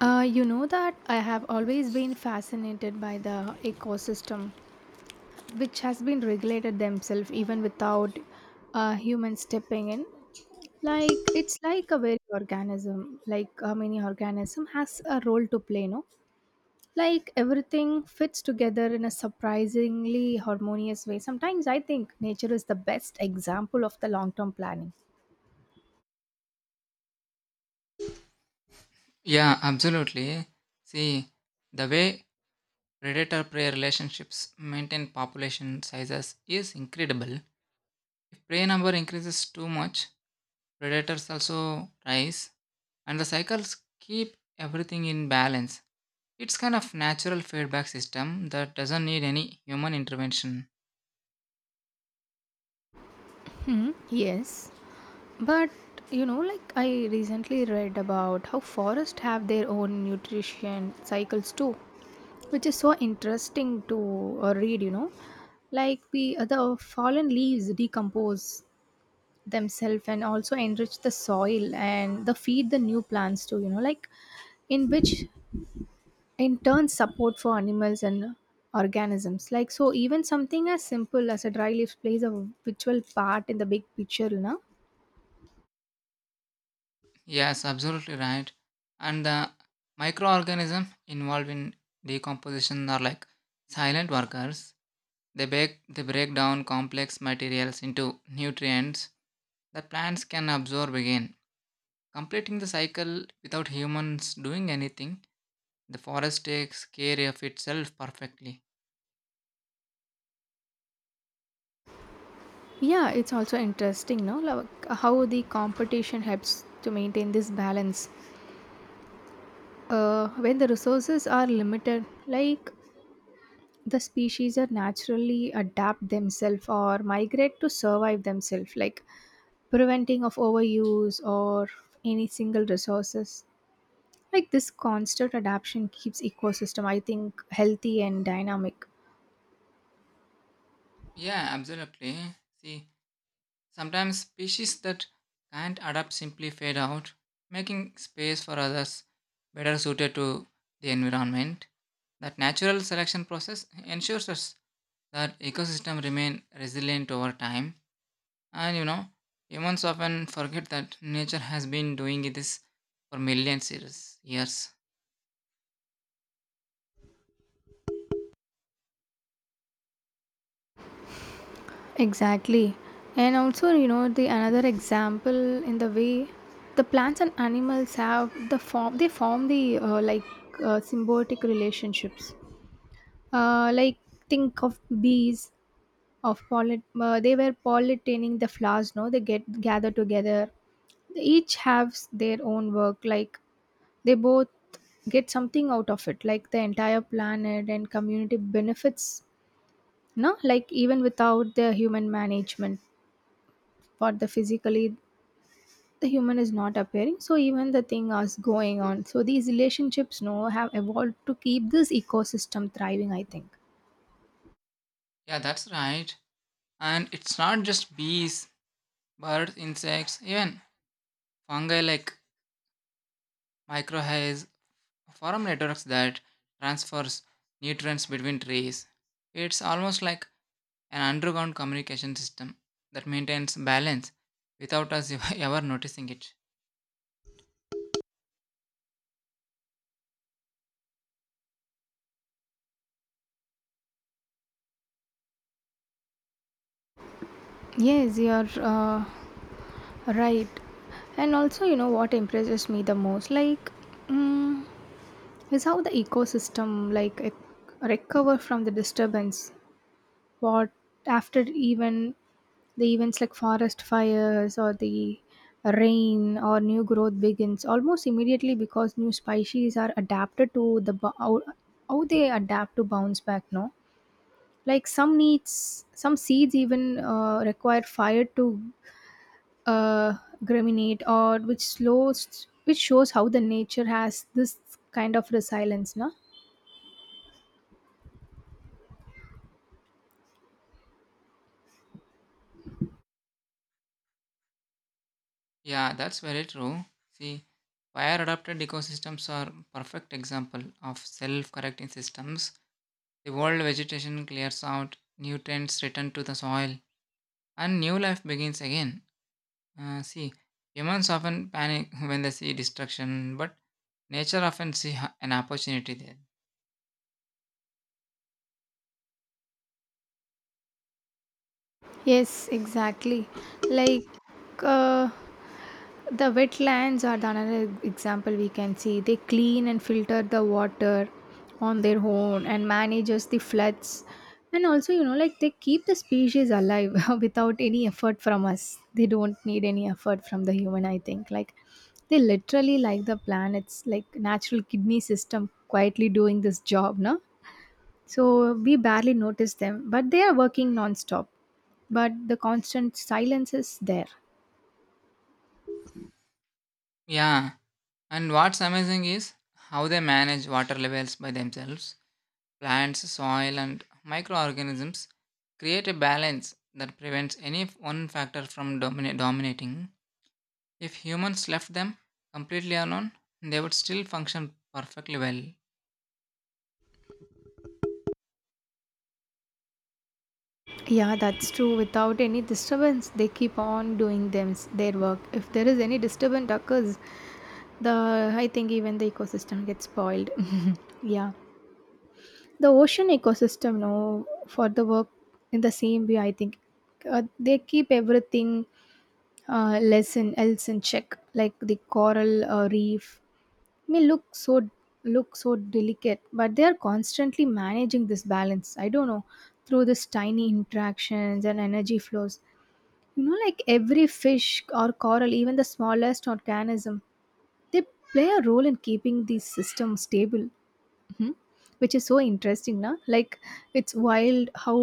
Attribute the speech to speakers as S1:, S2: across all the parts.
S1: You know that I have always been fascinated by the ecosystem, which has been regulated themselves even without human stepping in. Like it's like a very organism, like a mini organism has a role to play, no? Like everything fits together in a surprisingly harmonious way. Sometimes I think nature is the best example of the long-term planning.
S2: Yeah, absolutely. See, the way predator prey relationships maintain population sizes is incredible. If prey number increases too much, predators also rise, and the cycles keep everything in balance. It's kind of natural feedback system that doesn't need any human intervention.
S1: Yes. But you know, like I recently read about how forests have their own nutrition cycles too, which is so interesting to read. You know, like we the fallen leaves decompose themselves and also enrich the soil and the feed the new plants too. You know, like in which in turn support for animals and organisms. Like so, even something as simple as a dry leaf plays a vital part in the big picture. You know.
S2: Yes, absolutely right. And the microorganisms involved in decomposition are like silent workers. They break down complex materials into nutrients that plants can absorb again, completing the cycle without humans doing anything. The forest takes care of itself perfectly.
S1: Yeah, it's also interesting, no? Like how the competition helps to maintain this balance. When the resources are limited, like the species are naturally adapt themselves or migrate to survive themselves, like preventing of overuse or any single resources. Like this constant adaptation keeps ecosystem, I think, healthy and dynamic.
S2: Yeah, absolutely. See, sometimes species that can't adapt simply fade out, making space for others better suited to the environment. That natural selection process ensures us that ecosystem remain resilient over time. And you know, humans often forget that nature has been doing this for millions years.
S1: Exactly. And also, you know, the another example in the way the plants and animals have the form they form the symbiotic relationships. Like think of bees of pollen they were pollinating the flowers, no, they get gather together, they each have their own work, like they both get something out of it, like the entire planet and community benefits, no, like even without the human management, what the physically the human is not appearing, so even the thing is going on, so these relationships, no, have evolved to keep this ecosystem thriving, I think.
S2: Yeah, that's right. And it's not just bees, birds, insects, even fungi like microhays form networks that transfers nutrients between trees. It's almost like an underground communication system that maintains balance without us ever noticing it.
S1: Yes, you're right. And also, you know what impresses me the most, like, mm, is how the ecosystem like recover from the disturbance. What after even the events like forest fires or the rain or new growth begins almost immediately because new species are adapted to the how they adapt to bounce back, no, like some needs some seeds even require fire to uh, germinate, or which shows how the nature has this kind of resilience, no.
S2: Yeah, that's very true. See, fire adapted ecosystems are perfect example of self-correcting systems. The old vegetation clears out, nutrients return to the soil, and new life begins again. See, humans often panic when they see destruction, but nature often an opportunity there.
S1: Yes, exactly. Like uh, the wetlands are the another example we can see. They clean and filter the water on their own and manages the floods. And also, you know, like they keep the species alive without any effort from us. They don't need any effort from the human, I think. Like they literally like the planet's like natural kidney system quietly doing this job, no? So we barely notice them, but they are working non-stop. But the constant silence is there.
S2: Yeah, and what's amazing is how they manage water levels by themselves. Plants, soil, and microorganisms create a balance that prevents any one factor from dominating. If humans left them completely alone, they would still function perfectly well.
S1: Yeah, that's true. Without any disturbance, they keep on doing them their work. If there is any disturbance occurs, the I think even the ecosystem gets spoiled. yeah, the ocean ecosystem, no, for the work in the same way. I think they keep everything less in else in check, like the coral reef may look so delicate, but they are constantly managing this balance. I don't know, through this tiny interactions and energy flows, you know, like every fish or coral, even the smallest organism, they play a role in keeping the system stable. Mhm. Which is so interesting. Na? Like, it's wild how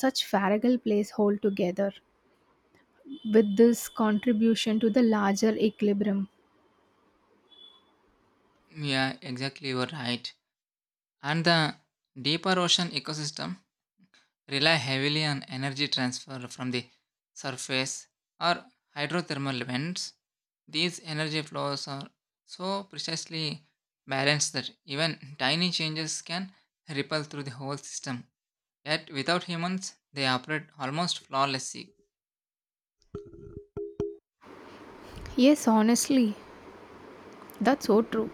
S1: such fragile plays hold together with this contribution to the larger equilibrium.
S2: Yeah, exactly, you're right. And the deeper ocean ecosystem rely heavily on energy transfer from the surface or hydrothermal vents. These energy flows are so precisely balanced that even tiny changes can ripple through the whole system. Yet without humans, they operate almost flawlessly.
S1: Yes, honestly, that's so true.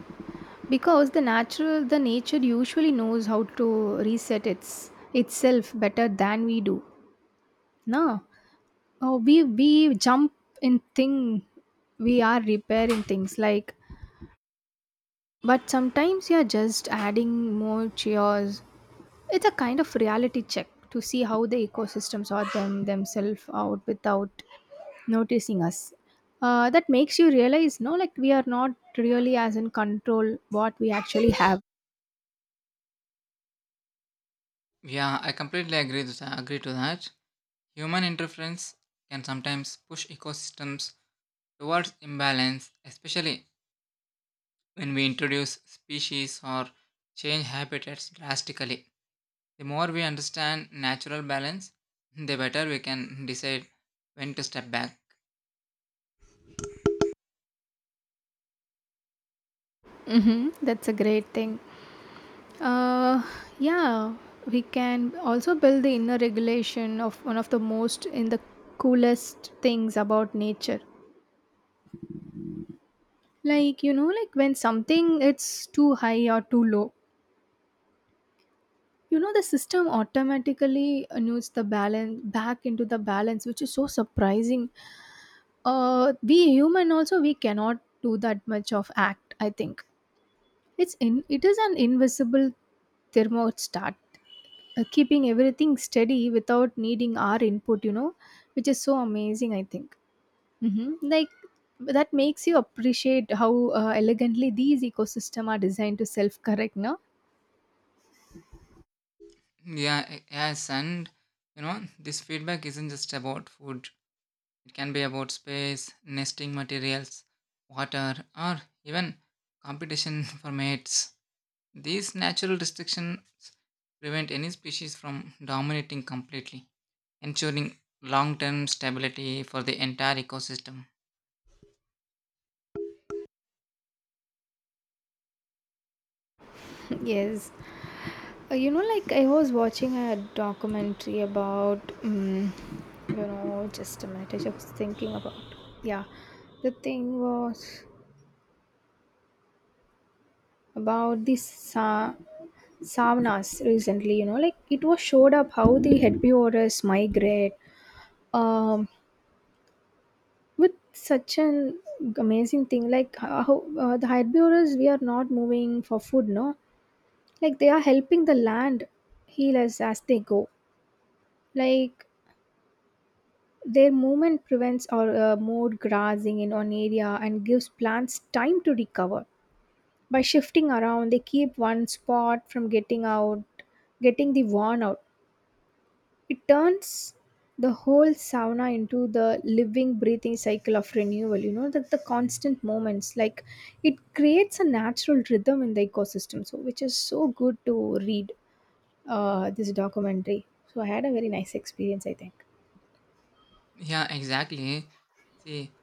S1: Because the natural, the nature usually knows how to reset its itself better than we do. No, oh, we jump in thing, we are repairing things, like, but sometimes you're just adding more chairs. It's a kind of reality check to see how the ecosystems are them themselves out without noticing us. That makes you realize, no, like we are not really as in control what we actually have.
S2: Yeah, I completely agree to that. Human interference can sometimes push ecosystems towards imbalance, especially when we introduce species or change habitats drastically. The more we understand natural balance, the better we can decide when to step back.
S1: Hmm. That's a great thing. Uh, yeah, we can also build the inner regulation of one of the most in the coolest things about nature. Like, you know, like when something it's too high or too low, you know, the system automatically annuls the balance back into the balance, which is so surprising. We human also, we cannot do that much of act, I think. It is an invisible thermostat keeping everything steady without needing our input, you know, which is so amazing, I think. Hmm. Like that makes you appreciate how elegantly these ecosystem are designed to self correct, no.
S2: Yes, and you know, this feedback isn't just about food, it can be about space, nesting materials, water, or even competition for mates. These natural restrictions prevent any species from dominating completely, ensuring long term stability for the entire ecosystem.
S1: Yes. You know, like I was watching a documentary about, you know, just a minute. I was just thinking about, yeah, the thing was about this saunas recently. You know, like it was showed up how the herbivores migrate, um, with such an amazing thing, like how the herbivores we are not moving for food, no, like they are helping the land heal us as they go, like their movement prevents or mowed grazing in one area and gives plants time to recover. By shifting around they keep one spot from getting the worn out. It turns the whole sauna into the living, breathing cycle of renewal, you know, that the constant moments. Like it creates a natural rhythm in the ecosystem, so which is so good to read this documentary. So I had a very nice experience, I think.
S2: Yeah, exactly. See,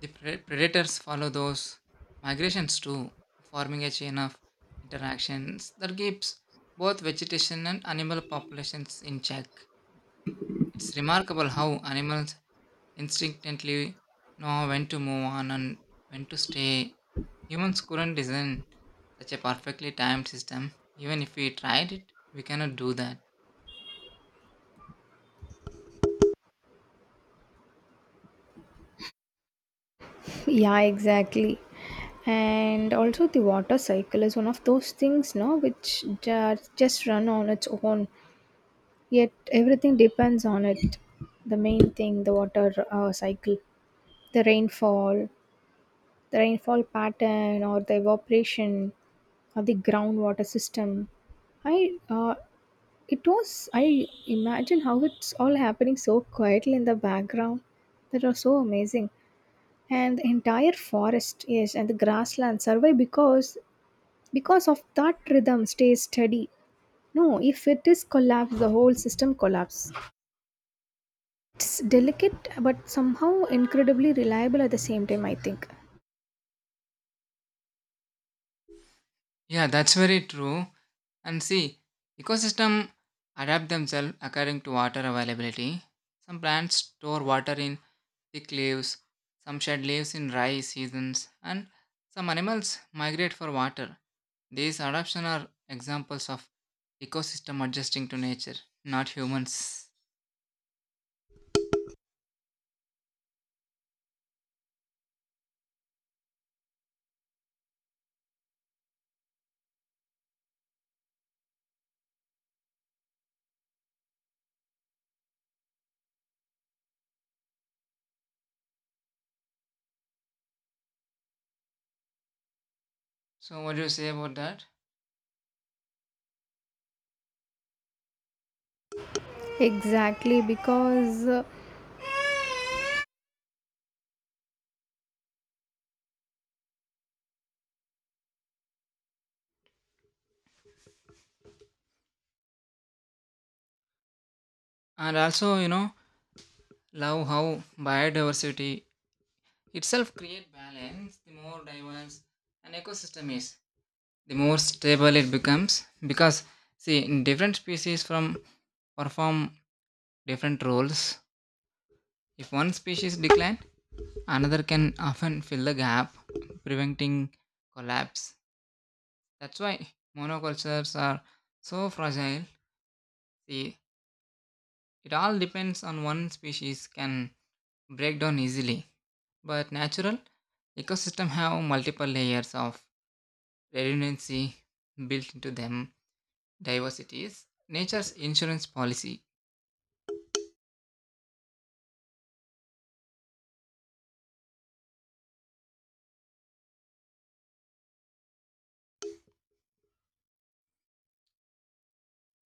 S2: the predators follow those migrations too, forming a chain of interactions that keeps both vegetation and animal populations in check. It's remarkable how animals instinctively know when to move on and when to stay. Humans couldn't design such a perfectly timed system. Even if we tried it, we cannot do that.
S1: Yeah, exactly. And also, the water cycle is one of those things, no, which just run on its own. Yet everything depends on it. The main thing, the water cycle, the rainfall, the rainfall pattern or the evaporation or the groundwater system. I uh, I imagine how it's all happening so quietly in the background. That was so amazing. And the entire forest, yes, and the grassland survive because of that rhythm stays steady. No, if it is collapse, the whole system collapse. It's delicate but somehow incredibly reliable at the same time, I think.
S2: Yeah, that's very true. And see, ecosystem adapt themselves according to water availability. Some plants store water in thick leaves, some shed leaves in dry seasons, and some animals migrate for water. These adaptations are examples of ecosystem adjusting to nature, not humans. So what do you say about that?
S1: Exactly, because
S2: And also, you know, love how biodiversity itself create balance. The more diverse an ecosystem is, the more stable it becomes, because see different species from perform different roles. If one species decline, another can often fill the gap, preventing collapse. That's why monocultures are so fragile. See, it all depends on one species can break down easily, but natural ecosystem have multiple layers of redundancy built into them. Diversity is nature's insurance policy.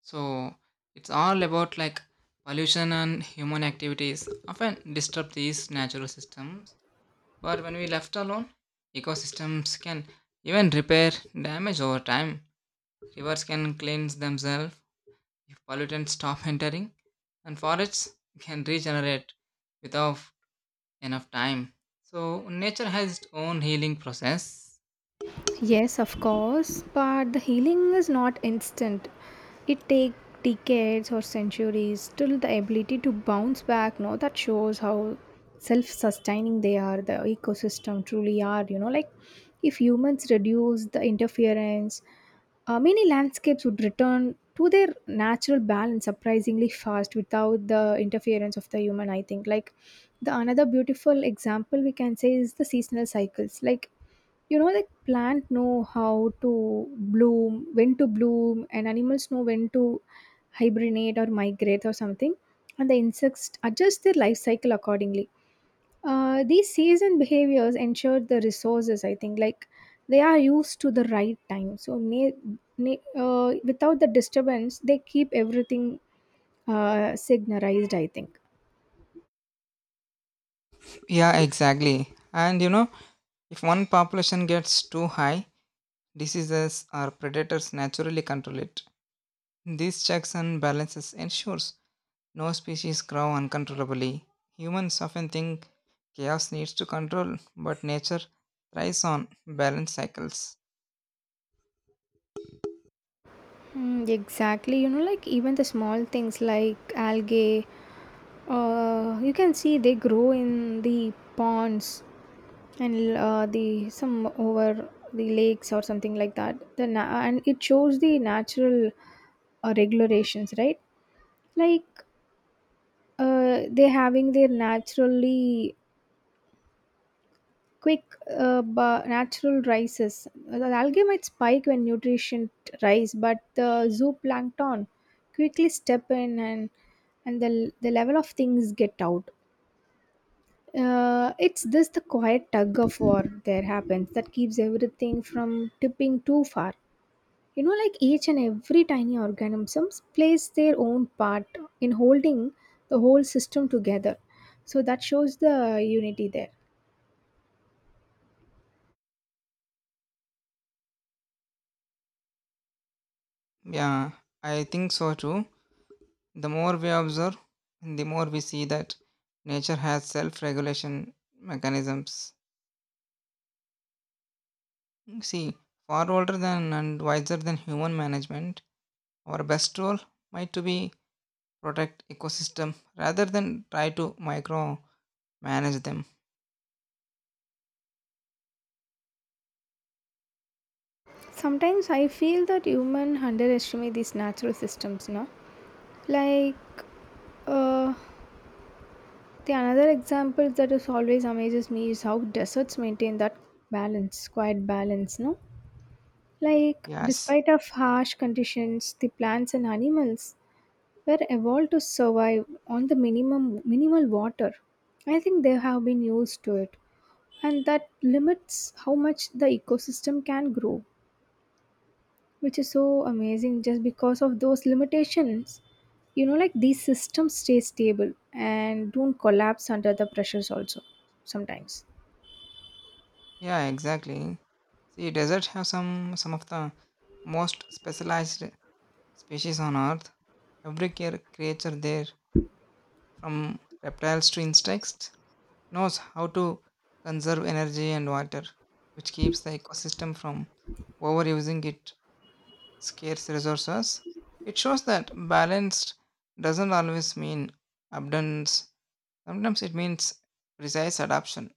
S2: So it's all about like pollution and human activities often disturb these natural systems. But when we left alone, ecosystems can even repair damage over time. Rivers can cleanse themselves if pollutants stop entering, and forests can regenerate without enough time. So nature has its own healing process.
S1: yes, of course, but the healing is not instant. It takes decades or centuries till the ability to bounce back. No, that shows how self-sustaining they are. The ecosystem truly are. You know, like if humans reduce the interference, many landscapes would return to their natural balance surprisingly fast without the interference of the human. I think like the another beautiful example we can say is the seasonal cycles, like you know, like plant know how to bloom, when to bloom, and animals know when to hibernate or migrate or something, and the insects adjust their life cycle accordingly. These season behaviors ensure the resources, I think, like they are used to the right time, so without the disturbance they keep everything signalized, I think.
S2: Yeah, exactly. And you know, if one population gets too high, diseases or predators naturally control it. These checks and balances ensures no species grow uncontrollably. Humans often think chaos needs to control, but nature thrives on balanced cycles.
S1: Mm, exactly. You know, like even the small things like algae, you can see they grow in the ponds and the some over the lakes or something like that. The and it shows the natural regulations, right? Like they having their naturally quick natural rises. The algae might spike when nutrition rise, but the zooplankton quickly step in and the level of things get out. It's just the quiet tug of war there happens that keeps everything from tipping too far. You know, like each and every tiny organism plays their own part in holding the whole system together. So that shows the unity there.
S2: Yeah, I think so too. The more we observe, the more we see that nature has self regulation mechanisms. See, far older than and wiser than human management, our best role might to be protect ecosystem rather than try to micromanage them.
S1: Sometimes I feel that human underestimate these natural systems, no? Like uh, the another example that is always amazes me is how deserts maintain that balance, quiet balance, no? Like,
S2: Yes,
S1: despite of harsh conditions, the plants and animals were evolved to survive on the minimum minimal water. I think they have been used to it, and that limits how much the ecosystem can grow, which is so amazing. Just because of those limitations, you know, like these systems stay stable and don't collapse under the pressures also sometimes.
S2: yeah, exactly. See, deserts have some of the most specialized species on Earth. Every creature there, from reptiles to insects, knows how to conserve energy and water, which keeps the ecosystem from overusing its scarce resources. It shows that balanced doesn't always mean abundance. Sometimes it means precise adaptation.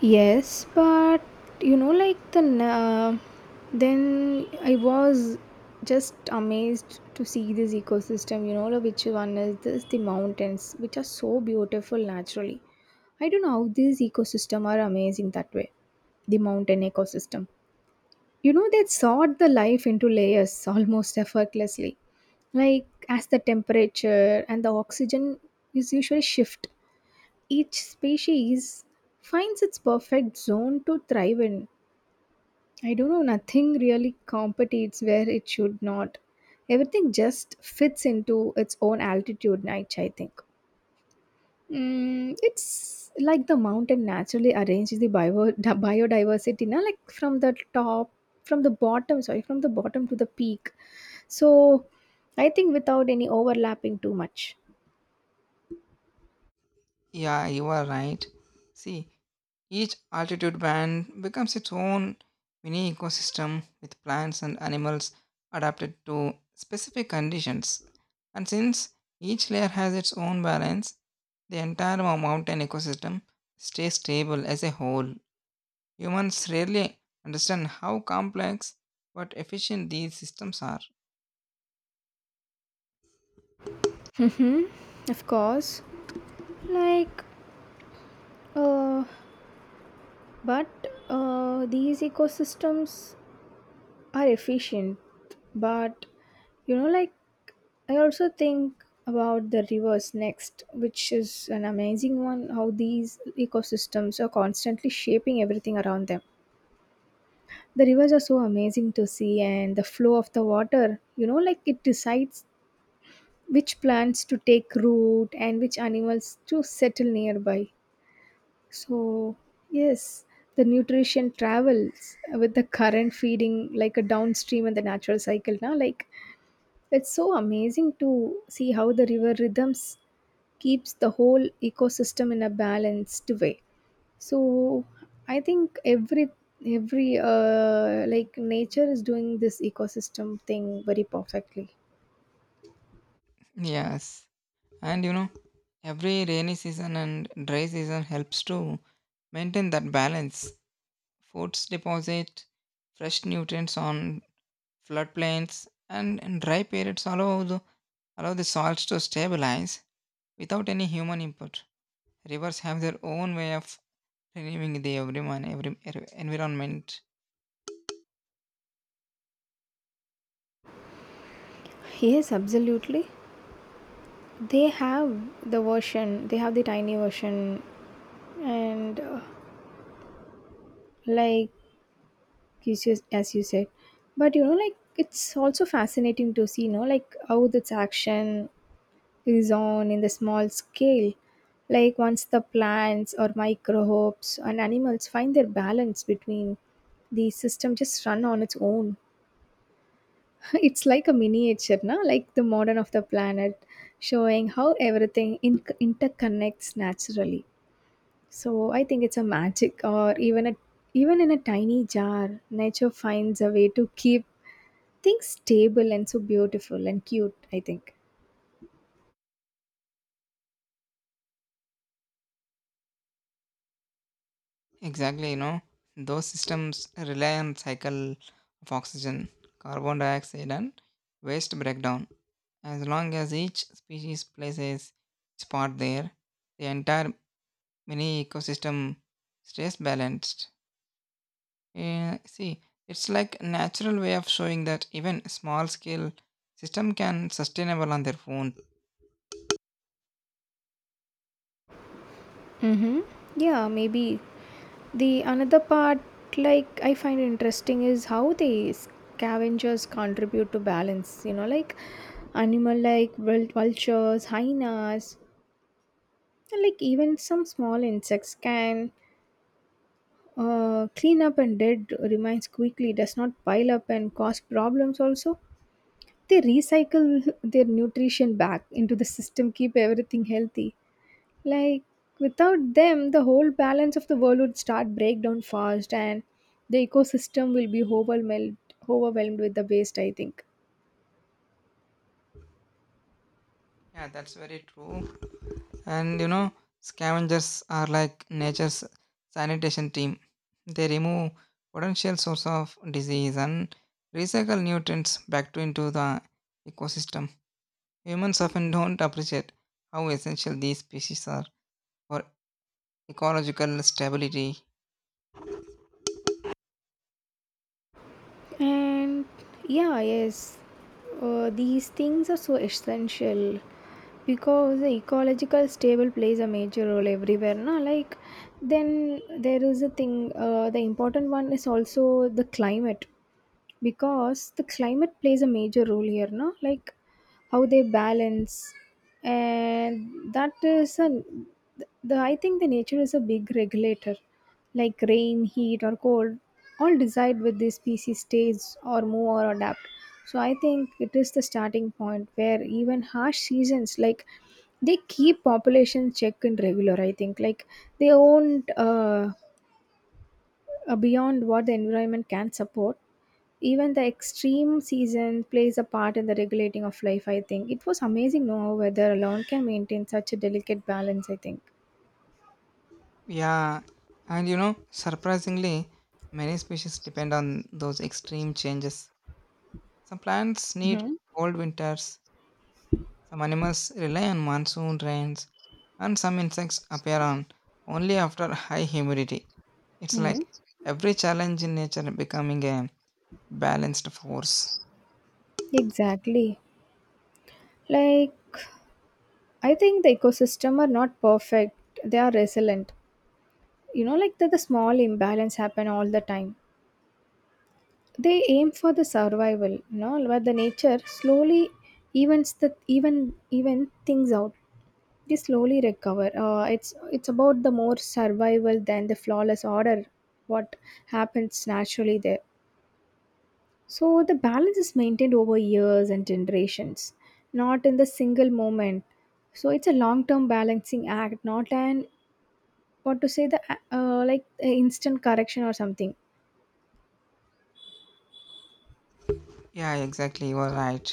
S1: Yes, but you know, like the then I was just amazed to see this ecosystem. You know, like which one is this? The mountains, which are so beautiful naturally. I don't know how these ecosystem are amazing that way. The mountain ecosystem. You know, they sort the life into layers almost effortlessly. Like as the temperature and the oxygen is usually shift, each species finds its perfect zone to thrive in. I don't know, nothing really competes where it should not. Everything just fits into its own altitude niche, I think. Mm, it's like the mountain naturally arranges the bio, the biodiversity, na? Like from the top, from the bottom, sorry, from the bottom to the peak. So I think without any overlapping too much.
S2: Yeah, you are right. See, each altitude band becomes its own mini ecosystem with plants and animals adapted to specific conditions. And since each layer has its own balance, the entire mountain ecosystem stays stable as a whole. Humans rarely understand how complex but efficient these systems are.
S1: Hmm, of course. Like, uh, But these ecosystems are efficient. But you know, like, I also think about the rivers next, which is an amazing one. How these ecosystems are constantly shaping everything around them. The rivers are so amazing to see, and the flow of the water, you know, like it decides which plants to take root and which animals to settle nearby. So, yes, the nutrition travels with the current feeding like a downstream in the natural cycle now. Like, it's so amazing to see how the river rhythms keeps the whole ecosystem in a balanced way. So, I think every nature is doing this ecosystem thing very perfectly.
S2: Yes. And you know, every rainy season and dry season helps to maintain that balance. Foods deposit fresh nutrients on floodplains and dry periods allow the soils to stabilize without any human input. Rivers have their own way of renewing the everyone, every environment.
S1: Yes, absolutely, they have the version, they have the tiny version, and like yes, yes, as you said. But you know, like, it's also fascinating to see, you know, like how this action is on in the small scale. Like once the plants or microbes and animals find their balance between, the system just run on its own. It's like a miniature, na? Like the modern of the planet, showing how everything interconnects naturally. So I think it's a magic or even a, even in a tiny jar nature finds a way to keep think stable and so beautiful and cute, I think.
S2: Exactly, you know, those systems rely on cycle of oxygen, carbon dioxide and waste breakdown. As long as each species plays its part there, the entire mini ecosystem stays balanced. See, it's like a natural way of showing that even small scale system can sustainable on their own.
S1: Mm-hmm. Yeah, maybe. The another part like I find interesting is how the scavengers contribute to balance, you know, like animal like vultures, hyenas, and like even some small insects can clean up and dead remains quickly, does not pile up and cause problems also. They recycle their nutrition back into the system, keep everything healthy. Like without them the whole balance of the world would start breakdown fast and the ecosystem will be overwhelmed, overwhelmed with the waste, I think.
S2: Yeah, that's very true. And you know, scavengers are like nature's sanitation team. They remove potential source of disease and recycle nutrients back to into the ecosystem. Humans often don't appreciate how essential these species are for ecological stability.
S1: And yeah, yes, these things are so essential because the ecological stable plays a major role everywhere. No, like then there is a thing. The important one is also the climate. Because the climate plays a major role here, no, like how they balance. And that is a, the, I think the nature is a big regulator. Like rain, heat, or cold all decide with this species stays or move or adapt. So I think it is the starting point where even harsh seasons like they keep population check in regular, I think. Like they won't beyond what the environment can support. Even the extreme season plays a part in the regulating of life, I think. It was amazing, no, how weather alone can maintain such a delicate balance, I think.
S2: Yeah, and you know, surprisingly many species depend on those extreme changes. Some plants need
S1: Hmm.
S2: cold winters. Some animals rely on monsoon rains, and some insects appear on only after high humidity. It's
S1: Hmm.
S2: like every challenge in nature becoming a balanced force.
S1: Exactly, like I think the ecosystem are not perfect, they are resilient. You know, like that the small imbalance happen all the time, they aim for the survival, you know, where the nature slowly evens the even things out. They slowly recover. It's about the more survival than the flawless order. What happens naturally there. So the balance is maintained over years and generations, not in the single moment. So it's a long-term balancing act, not an, what to say, the instant correction or something.
S2: Yeah, exactly, you are right.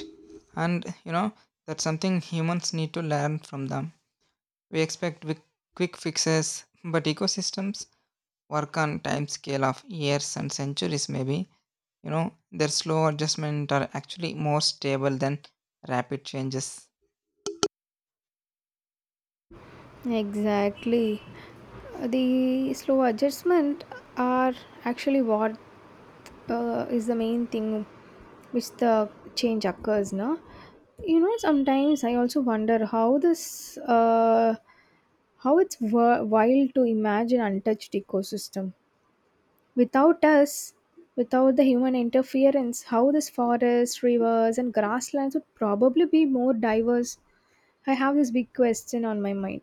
S2: And you know, that's something humans need to learn from them. We expect quick fixes, but ecosystems work on time scale of years and centuries maybe. You know, their slow adjustment are actually more stable than rapid changes.
S1: Exactly. The slow adjustment are actually what is the main thing which the change occurs now. You know, sometimes I also wonder how this how it's wild to imagine untouched ecosystem without us, without the human interference, how this forest rivers and grasslands would probably be more diverse. I have this big question on my mind.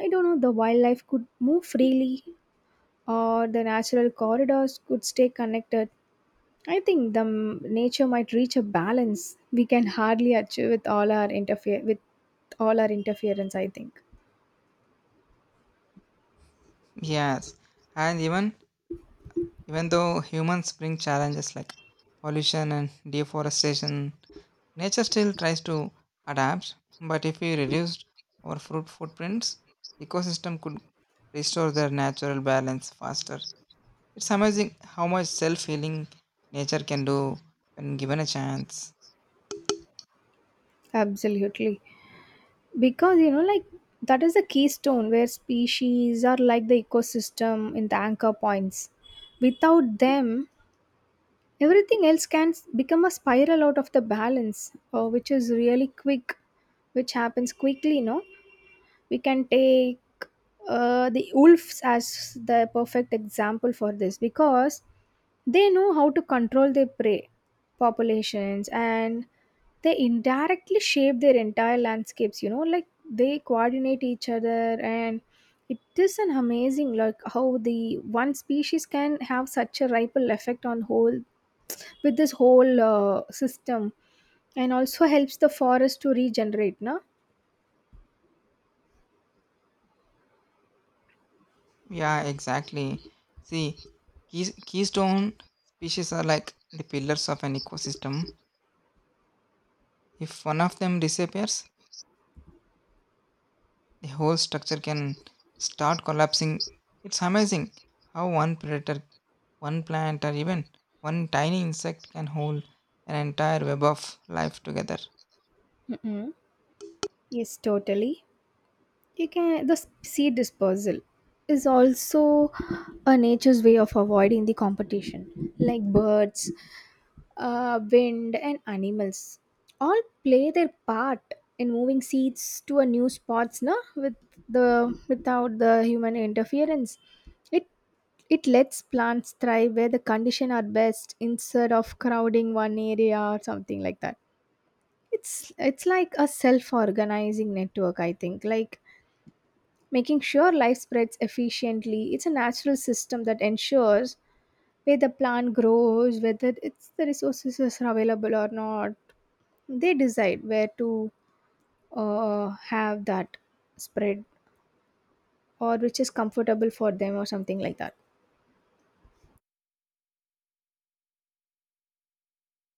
S1: I don't know, the wildlife could move freely or the natural corridors could stay connected. I think the nature might reach a balance we can hardly achieve with all our interfere with, all our interference, I think.
S2: Yes, and even though humans bring challenges like pollution and deforestation, nature still tries to adapt. But if we reduce our fruit footprints, ecosystem could restore their natural balance faster. It's amazing how much self-healing nature can do when given a chance.
S1: Absolutely, because you know like that is the keystone where species are like the ecosystem in the anchor points. Without them, everything else can become a spiral out of the balance, which is really quick, which happens quickly. No, we can take the wolves as the perfect example for this because they know how to control their prey populations and they indirectly shape their entire landscapes. You know, like they coordinate each other and it is an amazing like how the one species can have such a ripple effect on whole with this whole system and also helps the forest to regenerate, no?
S2: Yeah, exactly. See, keystone species are like the pillars of an ecosystem. If one of them disappears, the whole structure can start collapsing. It's amazing how one predator, one plant, or even one tiny insect can hold an entire web of life together.
S1: Mm-mm. Yes, totally. You can the seed dispersal is also a nature's way of avoiding the competition. Like birds, wind, and animals all play their part in moving seeds to a new spots. No, with the, without the human interference, it it lets plants thrive where the condition are best instead of crowding one area or something like that. It's like a self organizing network, I think, like making sure life spreads efficiently. It's a natural system that ensures where the plant grows, whether it's the resources is available or not. They decide where to have that spread, or which is comfortable for them or something like that.